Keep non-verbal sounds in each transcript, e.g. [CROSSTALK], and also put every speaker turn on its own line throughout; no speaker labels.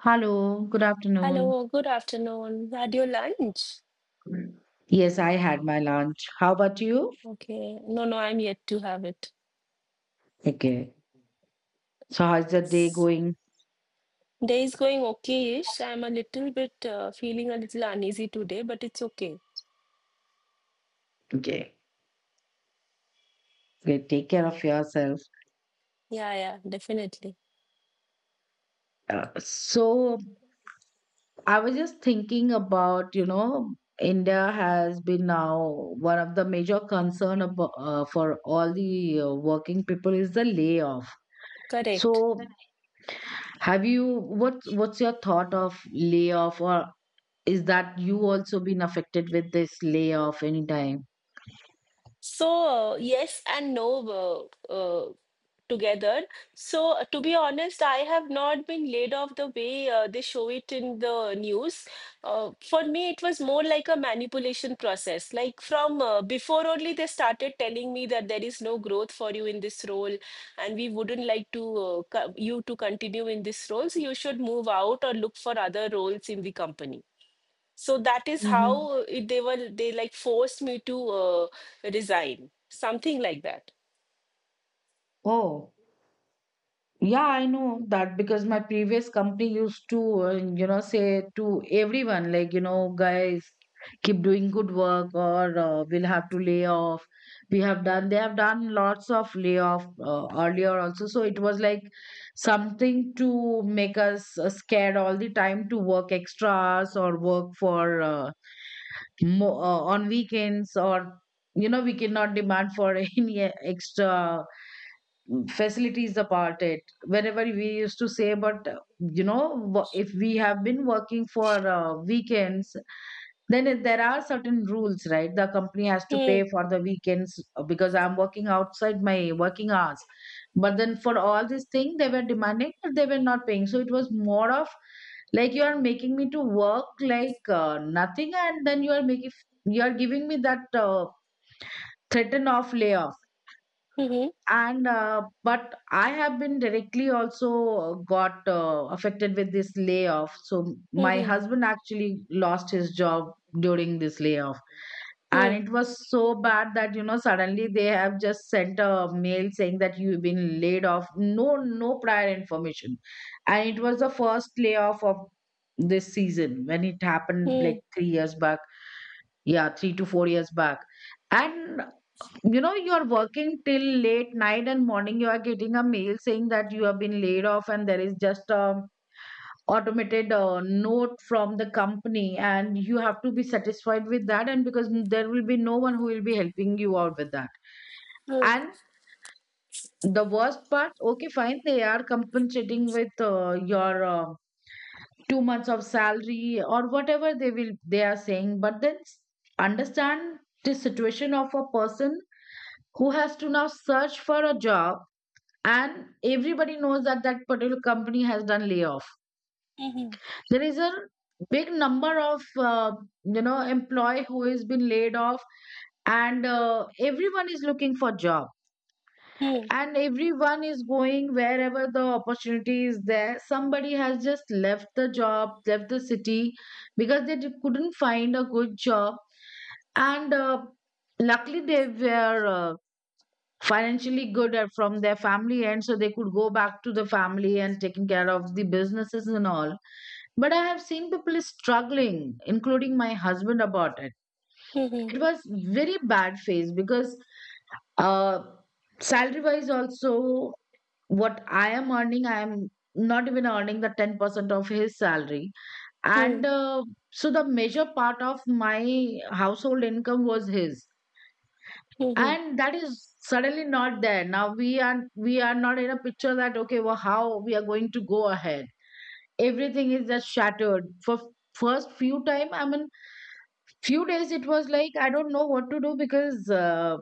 Hello, good afternoon.
Hello, good afternoon. Had your lunch?
Yes, I had my lunch. How about you?
Okay. No, no, I'm yet to have it.
Okay. So, how's the day going?
Day is going okay-ish. I'm a little bit feeling a little uneasy today, but it's okay.
Okay. Okay, take care of yourself.
Yeah, yeah, definitely.
Uh, so, I was just thinking about, India has been now one of the major concern about, for all the working people is the layoff.
Correct.
So, have you what's your thought of layoff, or is that you also been affected with this layoff anytime?
So, yes and no together. So, to be honest, I have not been laid off the way they show it in the news. For me, it was more like a manipulation process. Like from before only, they started telling me that there is no growth for you in this role, and we wouldn't like to you to continue in this role. So you should move out or look for other roles in the company. So that is how it, they were, they like forced me to resign, something like that.
Oh, yeah, I know that because my previous company used to, say to everyone, like, guys, keep doing good work or we'll have to lay off. They have done lots of layoff earlier also. So it was like something to make us scared all the time to work extra hours or work for mo on weekends, or, you know, we cannot demand for [LAUGHS] any extra Mm. facilities apart it whenever we used to say. But you know if we have been working for weekends, then there are certain rules, right? The company has to pay
Hmm.
for the weekends, because I'm working outside my working hours. But then for all this thing they were demanding, but they were not paying. So it was more of like you are making me to work like nothing, and then you are making you are giving me that threaten of layoff.
Hmm.
And but I have been directly also got affected with this layoff. So my
Hmm.
husband actually lost his job during this layoff. And
Hmm.
it was so bad that, you know, suddenly they have just sent a mail saying that you've been laid off, no prior information. And it was the first layoff of this season, when it happened like
Hmm.
3 years back. Yeah, 3 to 4 years back. And you know you're working till late night, and morning you are getting a mail saying that you have been laid off, and there is just a automated note from the company, and you have to be satisfied with that, and because there will be no one who will be helping you out with that.
Hmm.
And the worst part, okay, fine, they are compensating with your 2 months of salary or whatever they will they are saying, but then understand the situation of a person who has to now search for a job, and everybody knows that that particular company has done layoff.
Hmm.
There is a big number of you know employee who has been laid off, and everyone is looking for job,
Hmm.
and everyone is going wherever the opportunity is there. Somebody has just left the job, left the city, because they couldn't find a good job. And luckily they were financially good from their family end, so they could go back to the family and taking care of the businesses and all. But I have seen people struggling, including my husband, about it.
Hmm.
It was very bad phase, because uh salary wise also, what I am earning, I am not even earning the 10% of his salary. And
Hmm.
so the major part of my household income was his.
Hmm. Hmm.
And that is suddenly not there. Now we are not in a picture that okay, well, how we are going to go ahead. Everything is just shattered for first few time, I mean, few days it was like I don't know what to do, because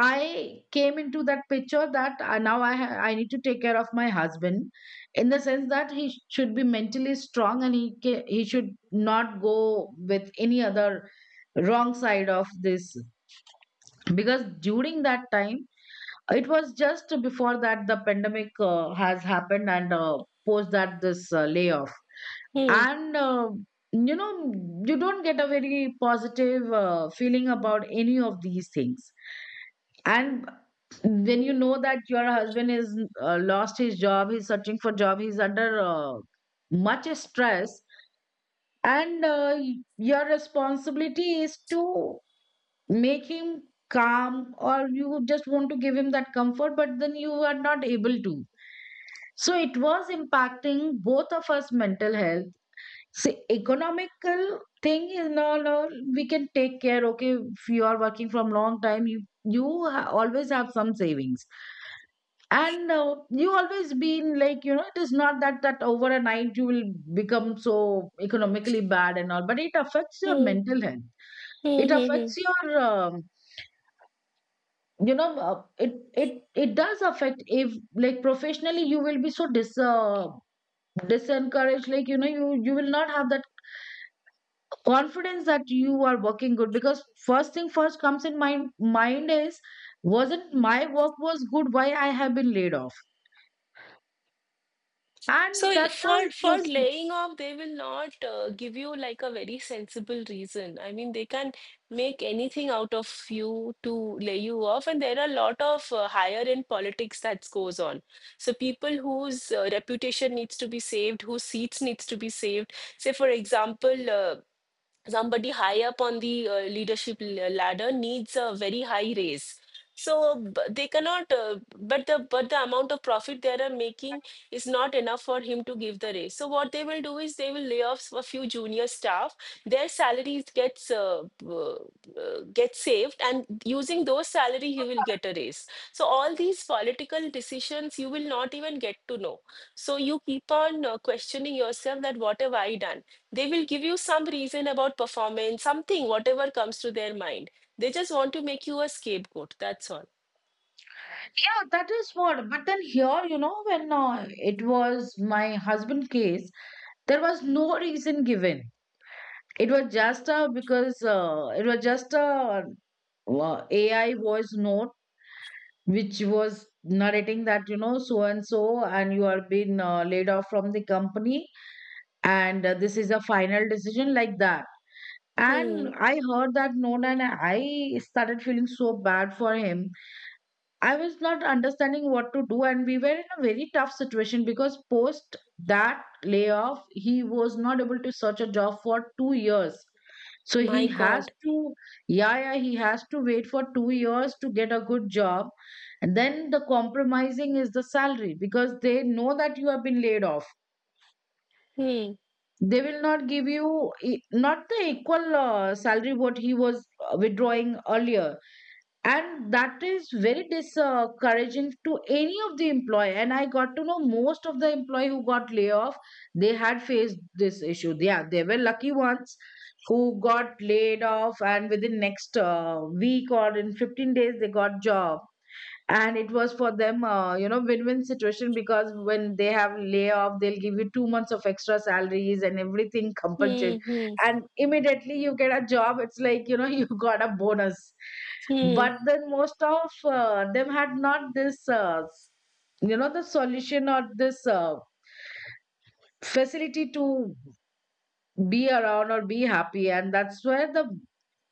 I came into that picture that now I I need to take care of my husband, in the sense that he should be mentally strong, and he he should not go with any other wrong side of this. Because during that time, it was just before that the pandemic has happened, and post that this layoff,
Hmm. Hmm. Hmm. Hmm.
and you know, you don't get a very positive feeling about any of these things. And when you know that your husband is lost his job, he's searching for job, he's under much stress, and your responsibility is to make him calm, or you just want to give him that comfort, but then you are not able to. So it was impacting both of us mental health. See, economical thing is no, no, we can take care. Okay, if you are working from long time, you always have some savings, and you always been like, you know, it is not that over a night you will become so economically bad and all, but it affects your
Hmm.
mental health. It
Hmm. Hmm.
affects your you know it does affect if like professionally you will be so disencouraged, like, you know, you will not have that confidence that you are working good. Because first thing first comes in my mind is, wasn't my work was good? Why I have been laid off?
So
And
i-
that's how
for
it
for
was.
laying off, they will not give you like a very sensible reason. I mean, they can make anything out of you to lay you off, and there are a lot of higher end politics that goes on. So people whose reputation needs to be saved, whose seats needs to be saved. Say, for example, somebody high up on the leadership ladder needs a very high raise. So they cannot but the amount of profit they are making is not enough for him to give the raise. So what they will do is they will lay off a few junior staff. Their salaries get saved, and using those salary he will get a raise. So all these political decisions you will not even get to know. So you keep on questioning yourself that what have I done. They will give you some reason about performance, something, whatever comes to their mind. They just want to make you a scapegoat. That's all.
Yeah, that is what. But then here, you know, when it was my husband case, there was no reason given. It was just because it was just a AI voice note which was narrating that, you know, so and so and you are being laid off from the company, and this is a final decision, like that.
Hmm.
And I heard that note and I started feeling so bad for him. I was not understanding what to do, and we were in a very tough situation, because post that layoff he was not able to search a job for 2 years. So
My
he has
God.
to, yeah, yeah, he has to wait for 2 years to get a good job. And then the compromising is the salary, because they know that you have been laid off.
Hmm.
They will not give you not the equal salary what he was withdrawing earlier. And that is very discouraging to any of the employee. And I got to know most of the employee who got layoff, they had faced this issue. Yeah, they were lucky ones who got laid off and within next week or in 15 days they got job. And it was for them, you know, win-win situation, because when they have layoff they'll give you 2 months of extra salaries and everything
Hmm.
compensation,
Hmm.
and immediately you get a job, it's like, you know, [LAUGHS] you got a bonus.
Hmm.
But then most of them had not this you know the solution, or this facility to be around or be happy. And that's where the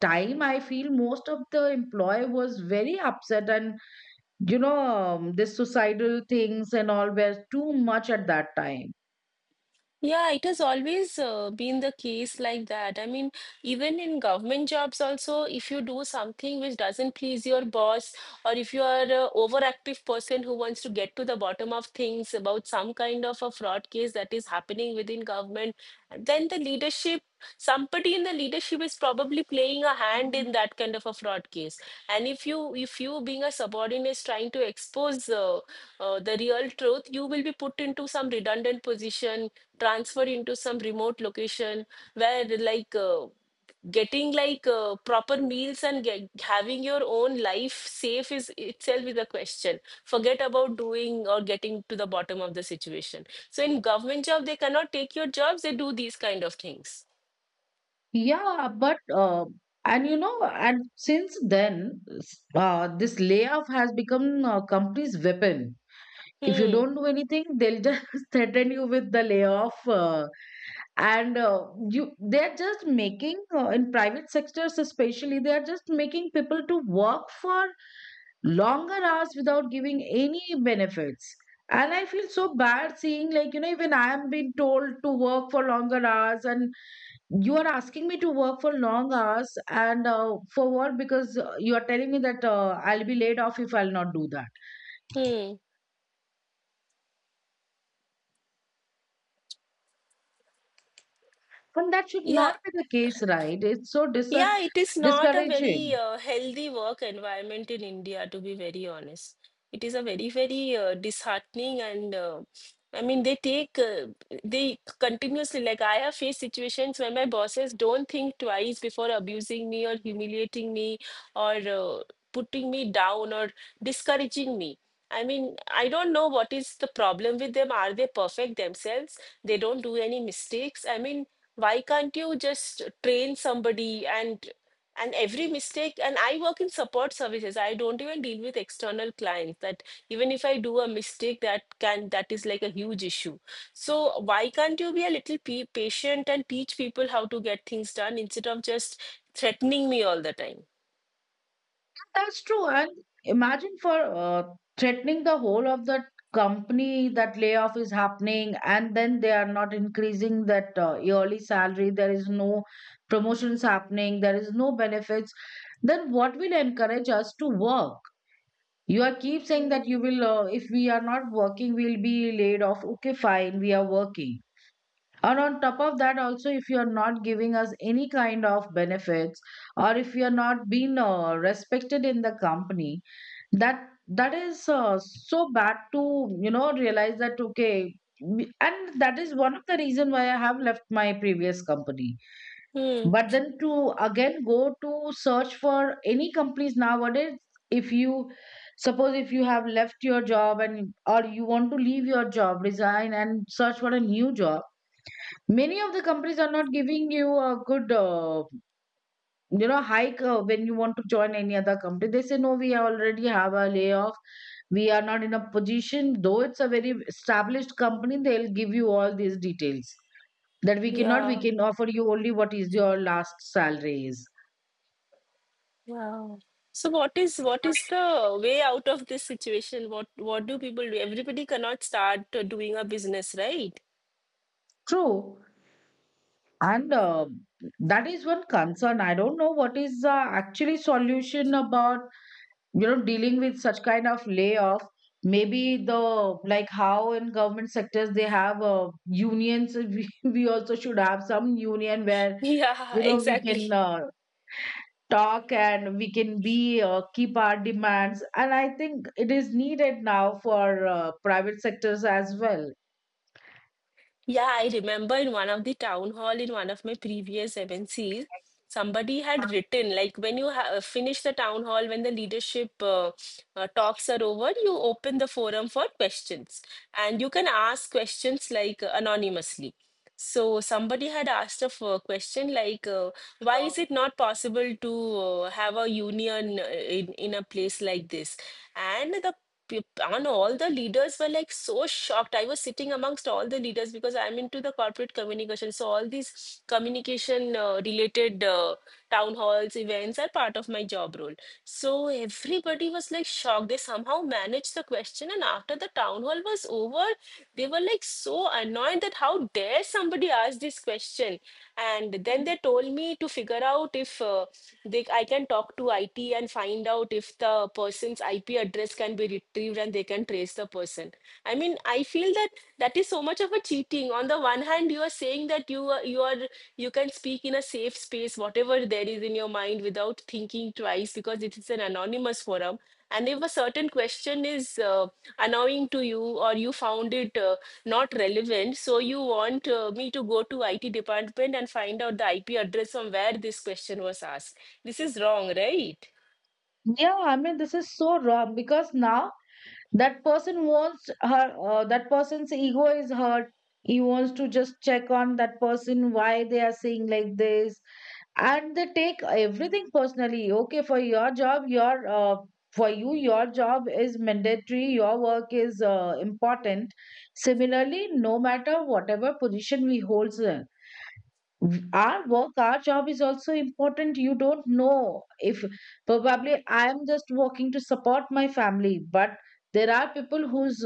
time I feel most of the employee was very upset. And, you know, this societal things and all were too much at that time.
Yeah, it has always been the case like that. I mean, even in government jobs, also, if you do something which doesn't please your boss, or if you are an overactive person who wants to get to the bottom of things about some kind of a fraud case that is happening within government, then the leadership, somebody in the leadership is probably playing a hand in that kind of a fraud case. And if you being a subordinate is trying to expose the real truth, you will be put into some redundant position, transfer into some remote location where like getting like proper meals and having your own life safe is itself is a question, forget about doing or getting to the bottom of the situation. So in government job they cannot take your jobs, they do these kind of things.
Yeah, but and you know, and since then this layoff has become a company's weapon. If you
Hmm.
don't do anything, they'll just [LAUGHS] threaten you with the layoff. And you they're just making in private sectors especially, they're just making people to work for longer hours without giving any benefits. And I feel so bad seeing, like, you know, even I am being told to work for longer hours. And you are asking me to work for long hours, and for what? Because you are telling me that I'll be laid off if I'll not do that.
Hmm.
And that should
Yeah.
not be the case, right? It's so
Yeah, it is not a very
discouraging.
healthy work environment in India, to be very honest. It is a very, very disheartening and I mean, they take, they continuously, like I have faced situations where my bosses don't think twice before abusing me or humiliating me or putting me down or discouraging me. I mean, I don't know what is the problem with them. Are they perfect themselves? They don't do any mistakes. I mean, why can't you just train somebody and every mistake and I work in support services, I don't even deal with external clients that even if I do a mistake that can that is like a huge issue. So why can't you be a little patient and teach people how to get things done instead of just threatening me all the time.
That's true. And imagine for threatening the whole of the company that layoff is happening, and then they are not increasing that yearly salary. There is no promotions happening. There is no benefits. Then what will encourage us to work? You are keep saying that
Hmm.
you will. If we are not working, we'll be laid off. Okay, fine. We are working. And on top of that, also, if you are not giving us any kind of benefits, or if you are not being respected in the company, that is so bad to realize that okay and that is one of the reason why I have left my previous company.
Hmm.
But then to again go to search for any companies nowadays, if you suppose if you have left your job and or you want to leave your job, resign and search for a new job, many of the companies are not giving you a good hike. When you want to join any other company, they say no, we already have a layoff, we are not in a position, though it's a very established company. They'll give you all these details that we cannot we
Yeah.
can offer you only what is your last salary is.
Wow. So what is the way out of this situation, what do people do, everybody cannot start doing a business, right?
True. And that is one concern. I don't know what is the actually solution about dealing with such kind of layoff. Maybe the, like how in government sectors they have unions, [LAUGHS] we also should have some union where
Yeah, [LAUGHS]
we
exactly.
can talk and we can be keep our demands, and I think it is needed now for private sectors as well.
Yeah, I remember in one of the town hall in one of my previous MNCs, somebody had written like when you ha finish the town hall, when the leadership talks are over, you open the forum for questions and you can ask questions like anonymously. So somebody had asked a question like, why is it not possible to have a union in a place like this? And and all the leaders were like so shocked. I was sitting amongst all the leaders because I'm into the corporate communication. So all these communication related town halls, events are part of my job role. So everybody was like shocked. They somehow managed the question. And after the town hall was over, they were like so annoyed that how dare somebody ask this question. And then they told me to figure out if I can talk to IT and find out if the person's IP address can be retrieved and they can trace the person. I mean, I feel that that is so much of a cheating. On the one hand, you are saying that you are you can speak in a safe space whatever there is in your mind without thinking twice because it is an anonymous forum. And if a certain question is annoying to you or you found it not relevant, so you want me to go to IT department and find out the IP address from where this question was asked, this is wrong, right?
Yeah, I mean, this is so wrong because now that person wants her that person's ego is hurt. He wants to just check on that person why they are saying like this, and they take everything personally. Okay, for your job, your for you, your job is mandatory, your work is important. Similarly, no matter whatever position we hold, our work, our job is also important. You don't know, if probably I am just working to support my family, but there are people whose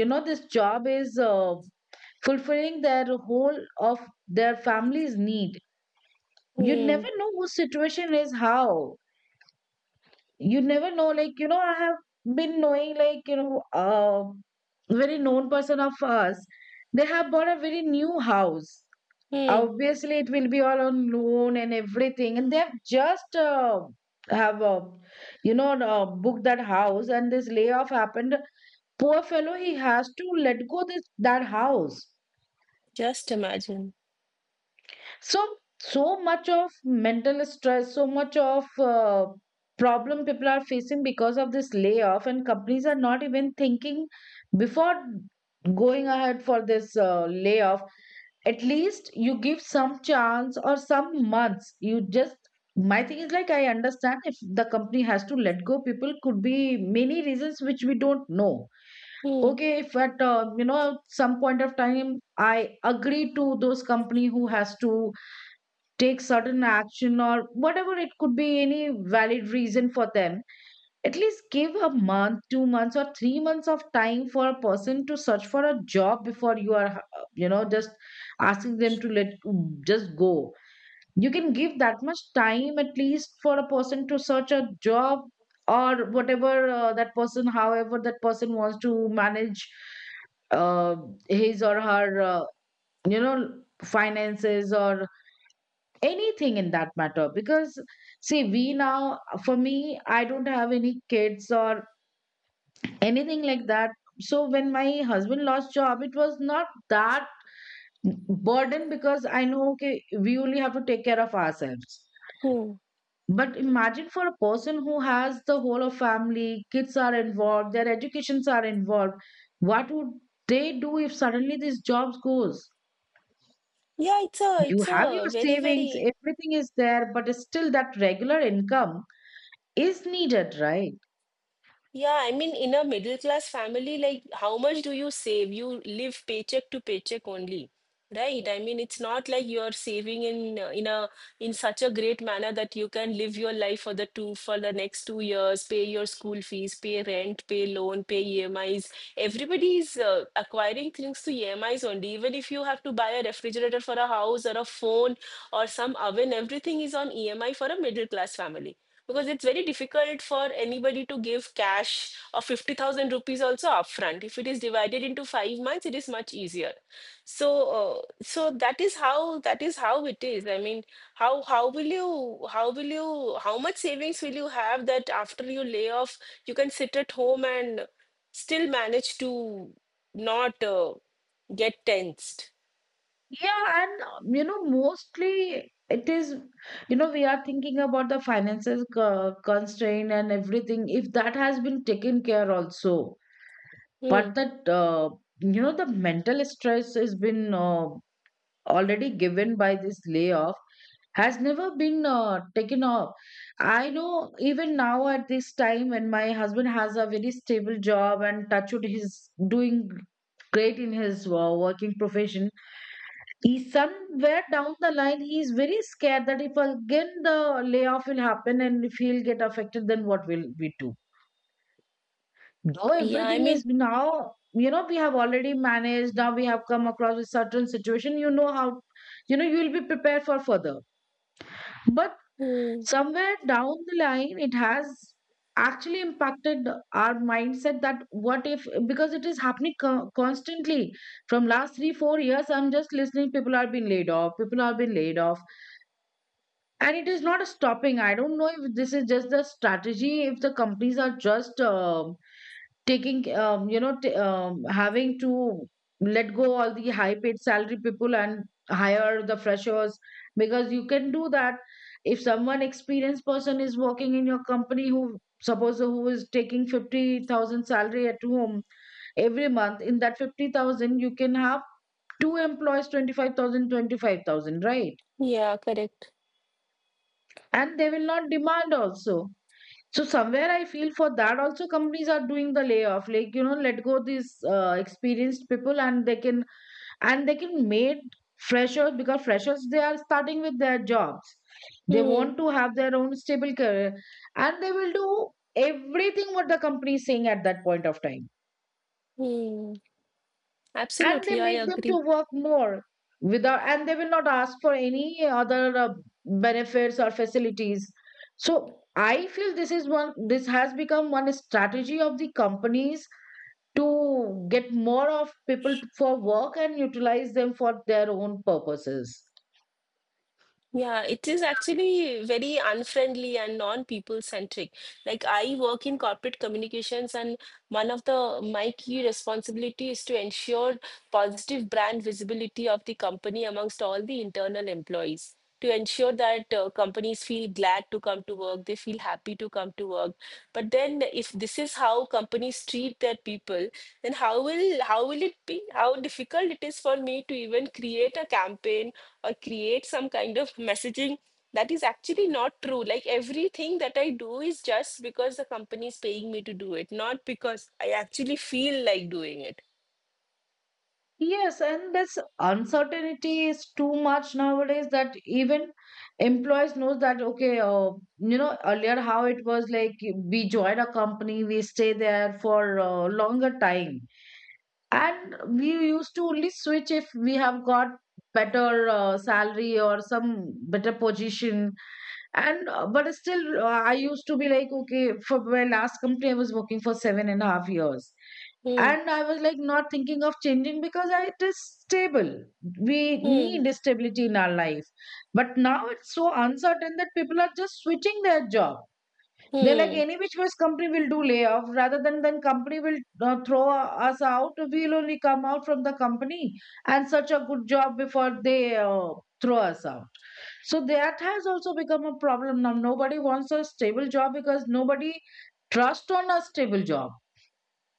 this job is fulfilling their whole of their family's need. You never
Hmm.
know whose situation is how. You never know, like I have been knowing, like a very known person of us, they have bought a very new house.
Hmm.
Obviously it will be all on loan and everything, and they've just have you know booked that house, and this layoff happened. Poor fellow, he has to let go this that house.
Just imagine.
So so much of mental stress, so much of problem people are facing because of this layoff, and companies are not even thinking before going ahead for this layoff. At least you give some chance or some months. You just, my thing is like, I understand if the company has to let go people, could be many reasons which we don't know.
Hmm.
Okay, if at some point of time, I agree to those company who has to take certain action or whatever, it could be any valid reason for them. At least give a month, 2 months or 3 months of time for a person to search for a job before you are just asking them to let just go. You can give that much time at least for a person to search a job, or whatever that person, however that person wants to manage uh, his or her finances or anything in that matter. Because see, we now, for me, I don't have any kids or anything like that, so when my husband lost job, it was not that burden, because I know okay, we only have to take care of ourselves.
Hmm.
But imagine for a person who has the whole of family, kids are involved, their educations are involved, what would they do if suddenly this jobs goes?
Yeah,
You
it's
have
a
your
very
savings,
very.
everything is there, but still that regular income is needed, right?
Yeah, I mean, in a middle class family, like how much do you save? You live paycheck to paycheck only, right? I mean, it's not like you're saving in a in such a great manner that you can live your life for the two for the next 2 years, pay your school fees, pay rent, pay loan, pay EMIs. Everybody is acquiring things through EMIs only. Even if you have to buy a refrigerator for a house or a phone or some oven, everything is on EMI for a middle class family. Because it's very difficult for anybody to give cash of 50,000 rupees also upfront. If it is divided into 5 months, it is much easier. So, so that is how it is. I mean, how will you how will you how much savings will you have that after you lay off, you can sit at home and still manage to not get tensed.
Yeah, and mostly it is, we are thinking about the constraint and everything. If that has been taken care also,
Hmm.
but that the mental stress has been already given by this layoff has never been taken off. I know even now at this time when my husband has a very stable job and touch wood, he's doing great in his working profession, he somewhere down the line, he is very scared that if again the layoff will happen and if he'll get affected, then what will we do? Now
Yeah, I
everything
mean.
is now, we have already managed, now we have come across a certain situation, you will be prepared for further. But
Hmm.
somewhere down the line, it has actually impacted our mindset, that what if, because it is happening constantly. From last three, 4 years, I'm just listening, people are being laid off, people are being laid off, and it is not a stopping. I don't know if this is just the strategy, if the companies are just taking having to let go all the high paid salary people and hire the freshers, because you can do that. If someone experienced person is working in your company who suppose who is taking 50,000 salary at home every month, in that 50,000 you can have two employees, 25,000, 25,000, right?
Yeah, correct.
And they will not demand also. So somewhere I feel for that also companies are doing the layoff, like let go these experienced people, and they can make freshers, because freshers, they are starting with their jobs. They
Hmm.
want to have their own stable career, and they will do everything what the company is saying at that point of time.
Hmm.
And they
Absolutely, I
make them
agree.
to work more without and they will not ask for any other benefits or facilities. So I feel this is one, this has become one strategy of the companies to get more of people for work and utilize them for their own purposes.
Yeah, it is actually very unfriendly and non-people centric. Like I work in corporate communications and one of the my key responsibility is to ensure positive brand visibility of the company amongst all the internal employees. To ensure that companies feel glad to come to work, they feel happy to come to work. But then if this is how companies treat their people, then how will it be? How difficult it is for me to even create a campaign or create some kind of messaging that is actually not true. Like everything that I do is just because the company is paying me to do it, not because I actually feel like doing it.
Yes, and this uncertainty is too much nowadays that even employees knows that okay, earlier how it was like, we join a company, we stay there for longer time, and we used to only switch if we have got better salary or some better position. And but still, I used to be like okay, for my last company I was working for 7.5 years,
Hmm.
and I was like not thinking of changing because it is stable. We
Hmm.
need stability in our life. But now it's so uncertain that people are just switching their job. They're like,
Hmm.
any which ways company will do layoff, rather than then company will throw us out, we'll only come out from the company and such a good job before they throw us out. So that has also become a problem. Now nobody wants a stable job because nobody trusts on a stable job.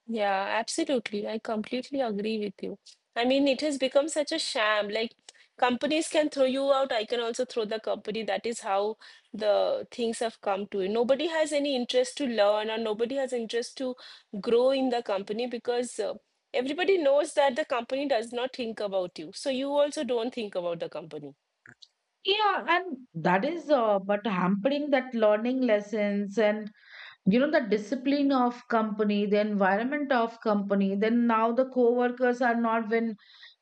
Yeah, absolutely. I completely agree with you. I mean, it has become such a sham. Like, companies can throw you out, I can also throw the company. That is how the things have come to it. Nobody has any interest to learn, or nobody has interest to grow in the company because everybody knows that the company does not think about you. So you also don't think about the company.
Yeah, and that is but hampering that learning lessons and the discipline of company, the environment of company. Then now the co-workers are not when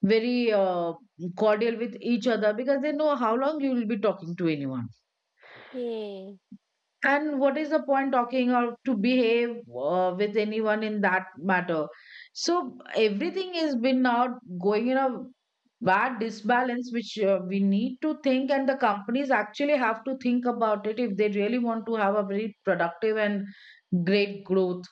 very cordial with each other because they know how long you will be talking to anyone.
Hmm.
And what is the point talking or to behave with anyone in that matter? So everything has been now going in a bad disbalance, which we need to think, and the companies actually have to think about it if they really want to have a very productive and great growth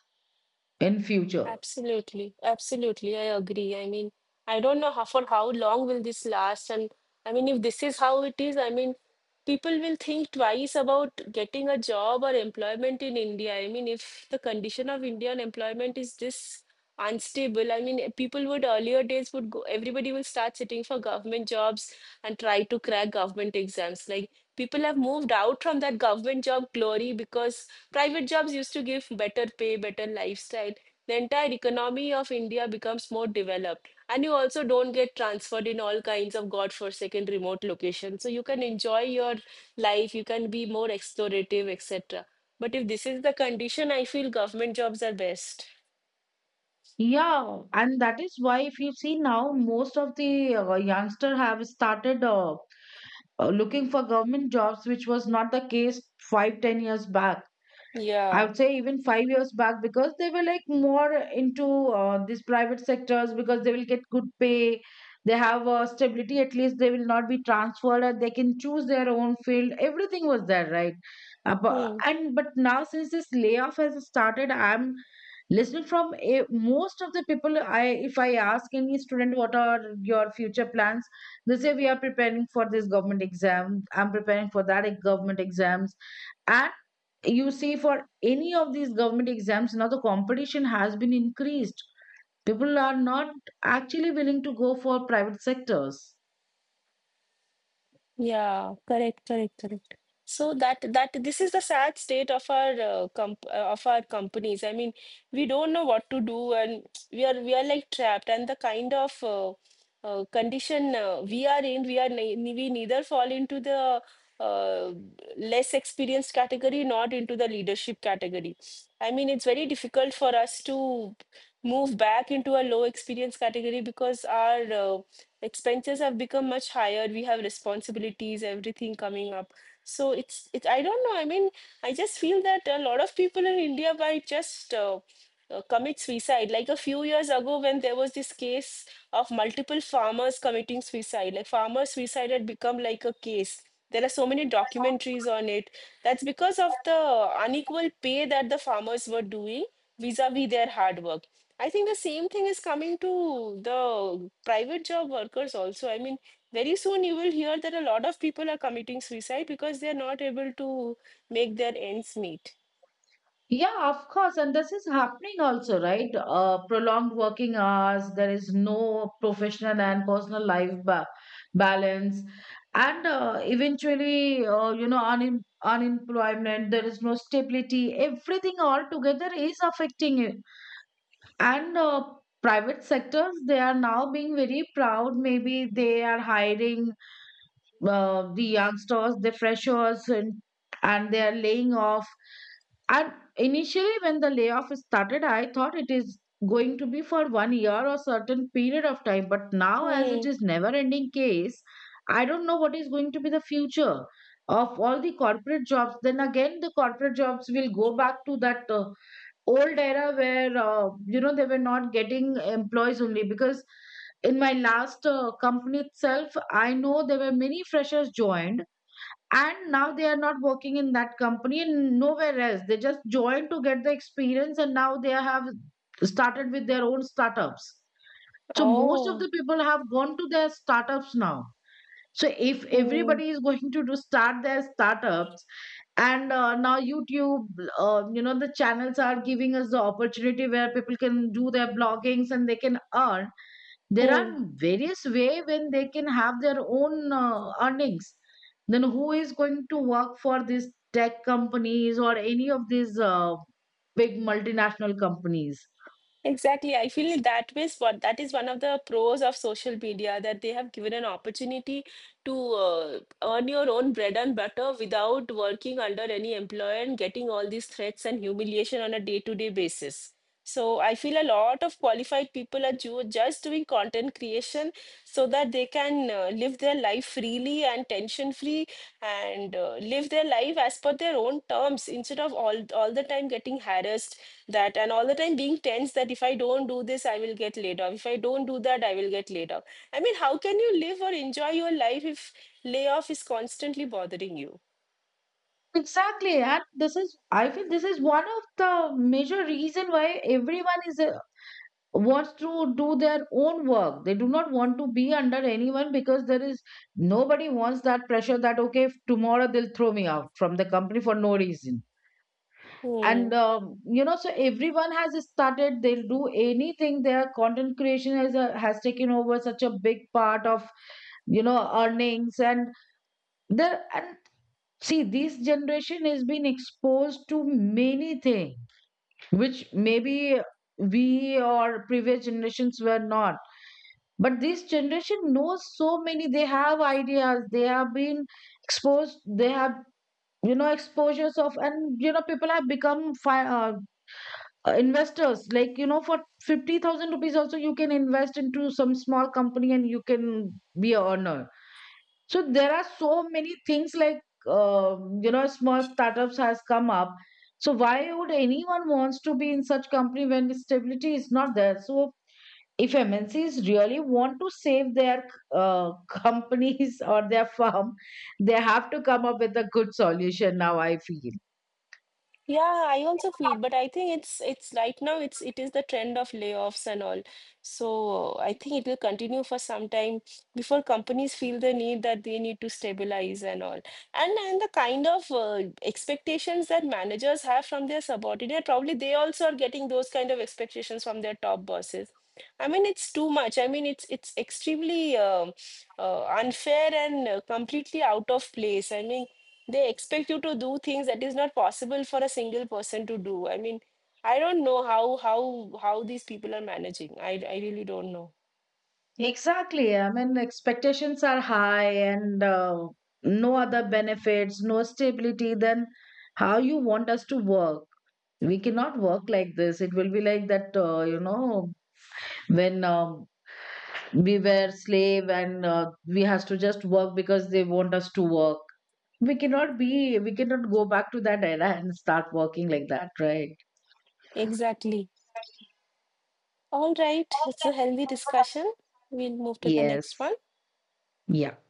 in future.
Absolutely, absolutely. I agree. I mean, I don't know how for how long will this last, and I mean, if this is how it is, I mean, people will think twice about getting a job or employment in India. I mean, if the condition of Indian employment is this unstable, I mean, people would earlier days would go, everybody will start sitting for government jobs and try to crack government exams. Like people have moved out from that government job glory because private jobs used to give better pay, better lifestyle. The entire economy of India becomes more developed. And you also don't get transferred in all kinds of godforsaken remote locations. So you can enjoy your life, you can be more explorative, etc. But if this is the condition, I feel government jobs are best.
Yeah, and that is why if you see now, most of the youngster have started looking for government jobs, which was not the case 5 10 years back. I
Yeah.
would say even 5 years back, because they were like more into these private sectors because they will get good pay. They have stability, at least they will not be transferred, and they can choose their own field. Everything was there, right? Bu-
Hmm.
and but now since this layoff has started, I'm listening from most of the people. I If I ask any student what are your future plans, they say we are preparing for this government exam. I'm preparing for that government exams. And you see, for any of these government exams now the competition has been increased. People are not actually willing to go for private sectors.
Yeah, correct, correct, correct. So that that this is the sad state of our comp of our companies. I mean, we don't know what to do, and we are like trapped. And the kind of condition we are in, we neither fall into the uh, less experienced category, not into the leadership category. I mean, it's very difficult for us to move back into a low experience category because our expenses have become much higher, we have responsibilities, everything coming up. So it's I don't know, I mean, I just feel that a lot of people in India might just commit suicide like a few years ago when there was this case of multiple farmers committing suicide, like farmer suicide had become like a case, there are so many documentaries on it. That's because of the unequal pay that the farmers were doing vis-a-vis their hard work. I think the same thing is coming to the private job workers also. I mean, very soon you will hear that a lot of people are committing suicide because they are not able to make their ends meet.
Yeah, of course, and this is happening also, right? Prolonged working hours, there is no professional and personal balance. And eventually unemployment, there is no stability, everything altogether is affecting. And private sectors, they are now being very proud, maybe they are hiring the youngsters, the freshers, and they are laying off. And initially when the layoff started, I thought it is going to be for 1 year or certain period of time, but now as it
Hmm.
is never ending case, I don't know what is going to be the future of all the corporate jobs. Then again the corporate jobs will go back to that old era where they were not getting employees only. Because in my last company itself I know there were many freshers joined, and now they are not working in that company and nowhere else. They just joined to get the experience, and now they have started with their own startups. So most of
Oh.
the people have gone to their startups now. So if
Hmm.
everybody is going to do start their startups, and now YouTube, the channels are giving us the opportunity where people can do their bloggings and they can earn. There are
Hmm.
various way when they can have their own earnings. Then who is going to work for these tech companies or any of these big multinational companies?
Exactly. I feel that way. What that is one of the pros of social media that they have given an opportunity to earn your own bread and butter without working under any employer and getting all these threats and humiliation on a day-to-day basis. So I feel a lot of qualified people are just doing content creation so that they can live their life freely and tension free and live their life as per their own terms instead of all the time getting harassed that and all the time being tense that if I don't do this I will get laid off, if I don't do that I will get laid off. I mean, how can you live or enjoy your life if layoff is constantly bothering you?
Exactly, and this is, I feel this is one of the major reason why everyone is wants to do their own work. They do not want to be under anyone, because there is, nobody wants that pressure that okay, if tomorrow they'll throw me out from the company for no reason.
Hmm.
And so everyone has started, they'll do anything. Their content creation has, a, has taken over such a big part of, earnings. And there, and see, this generation has been exposed to many things, which maybe we or previous generations were not. But this generation knows so many, they have ideas, they have been exposed, they have exposures of. And people have become investors, like for 50,000 rupees also you can invest into some small company and you can be a earner. So there are so many things like small startups has come up. So why would anyone wants to be in such company when stability is not there? So if MNCs really want to save their [LAUGHS] companies or their firm, they have to come up with a good solution now, I feel.
Yeah, I also feel, but I think it's right now it's it is the trend of layoffs and all. So I think it will continue for some time before companies feel the need that they need to stabilize and all. And the kind of expectations that managers have from their subordinate, probably they also are getting those kind of expectations from their top bosses. I mean, it's too much. I mean, it's extremely unfair and completely out of place. I mean, they expect you to do things that is not possible for a single person to do. I mean, I don't know how these people are managing, I really don't know.
Exactly. I mean, expectations are high and no other benefits, no stability. Then, how you want us to work? We cannot work like this. It will be like that, when we were slave and we has to just work because they want us to work. We cannot go back to that era and start working like that, right?
Exactly. All right, it's a healthy discussion. We'll move to the
Yes.
next one.
Yeah.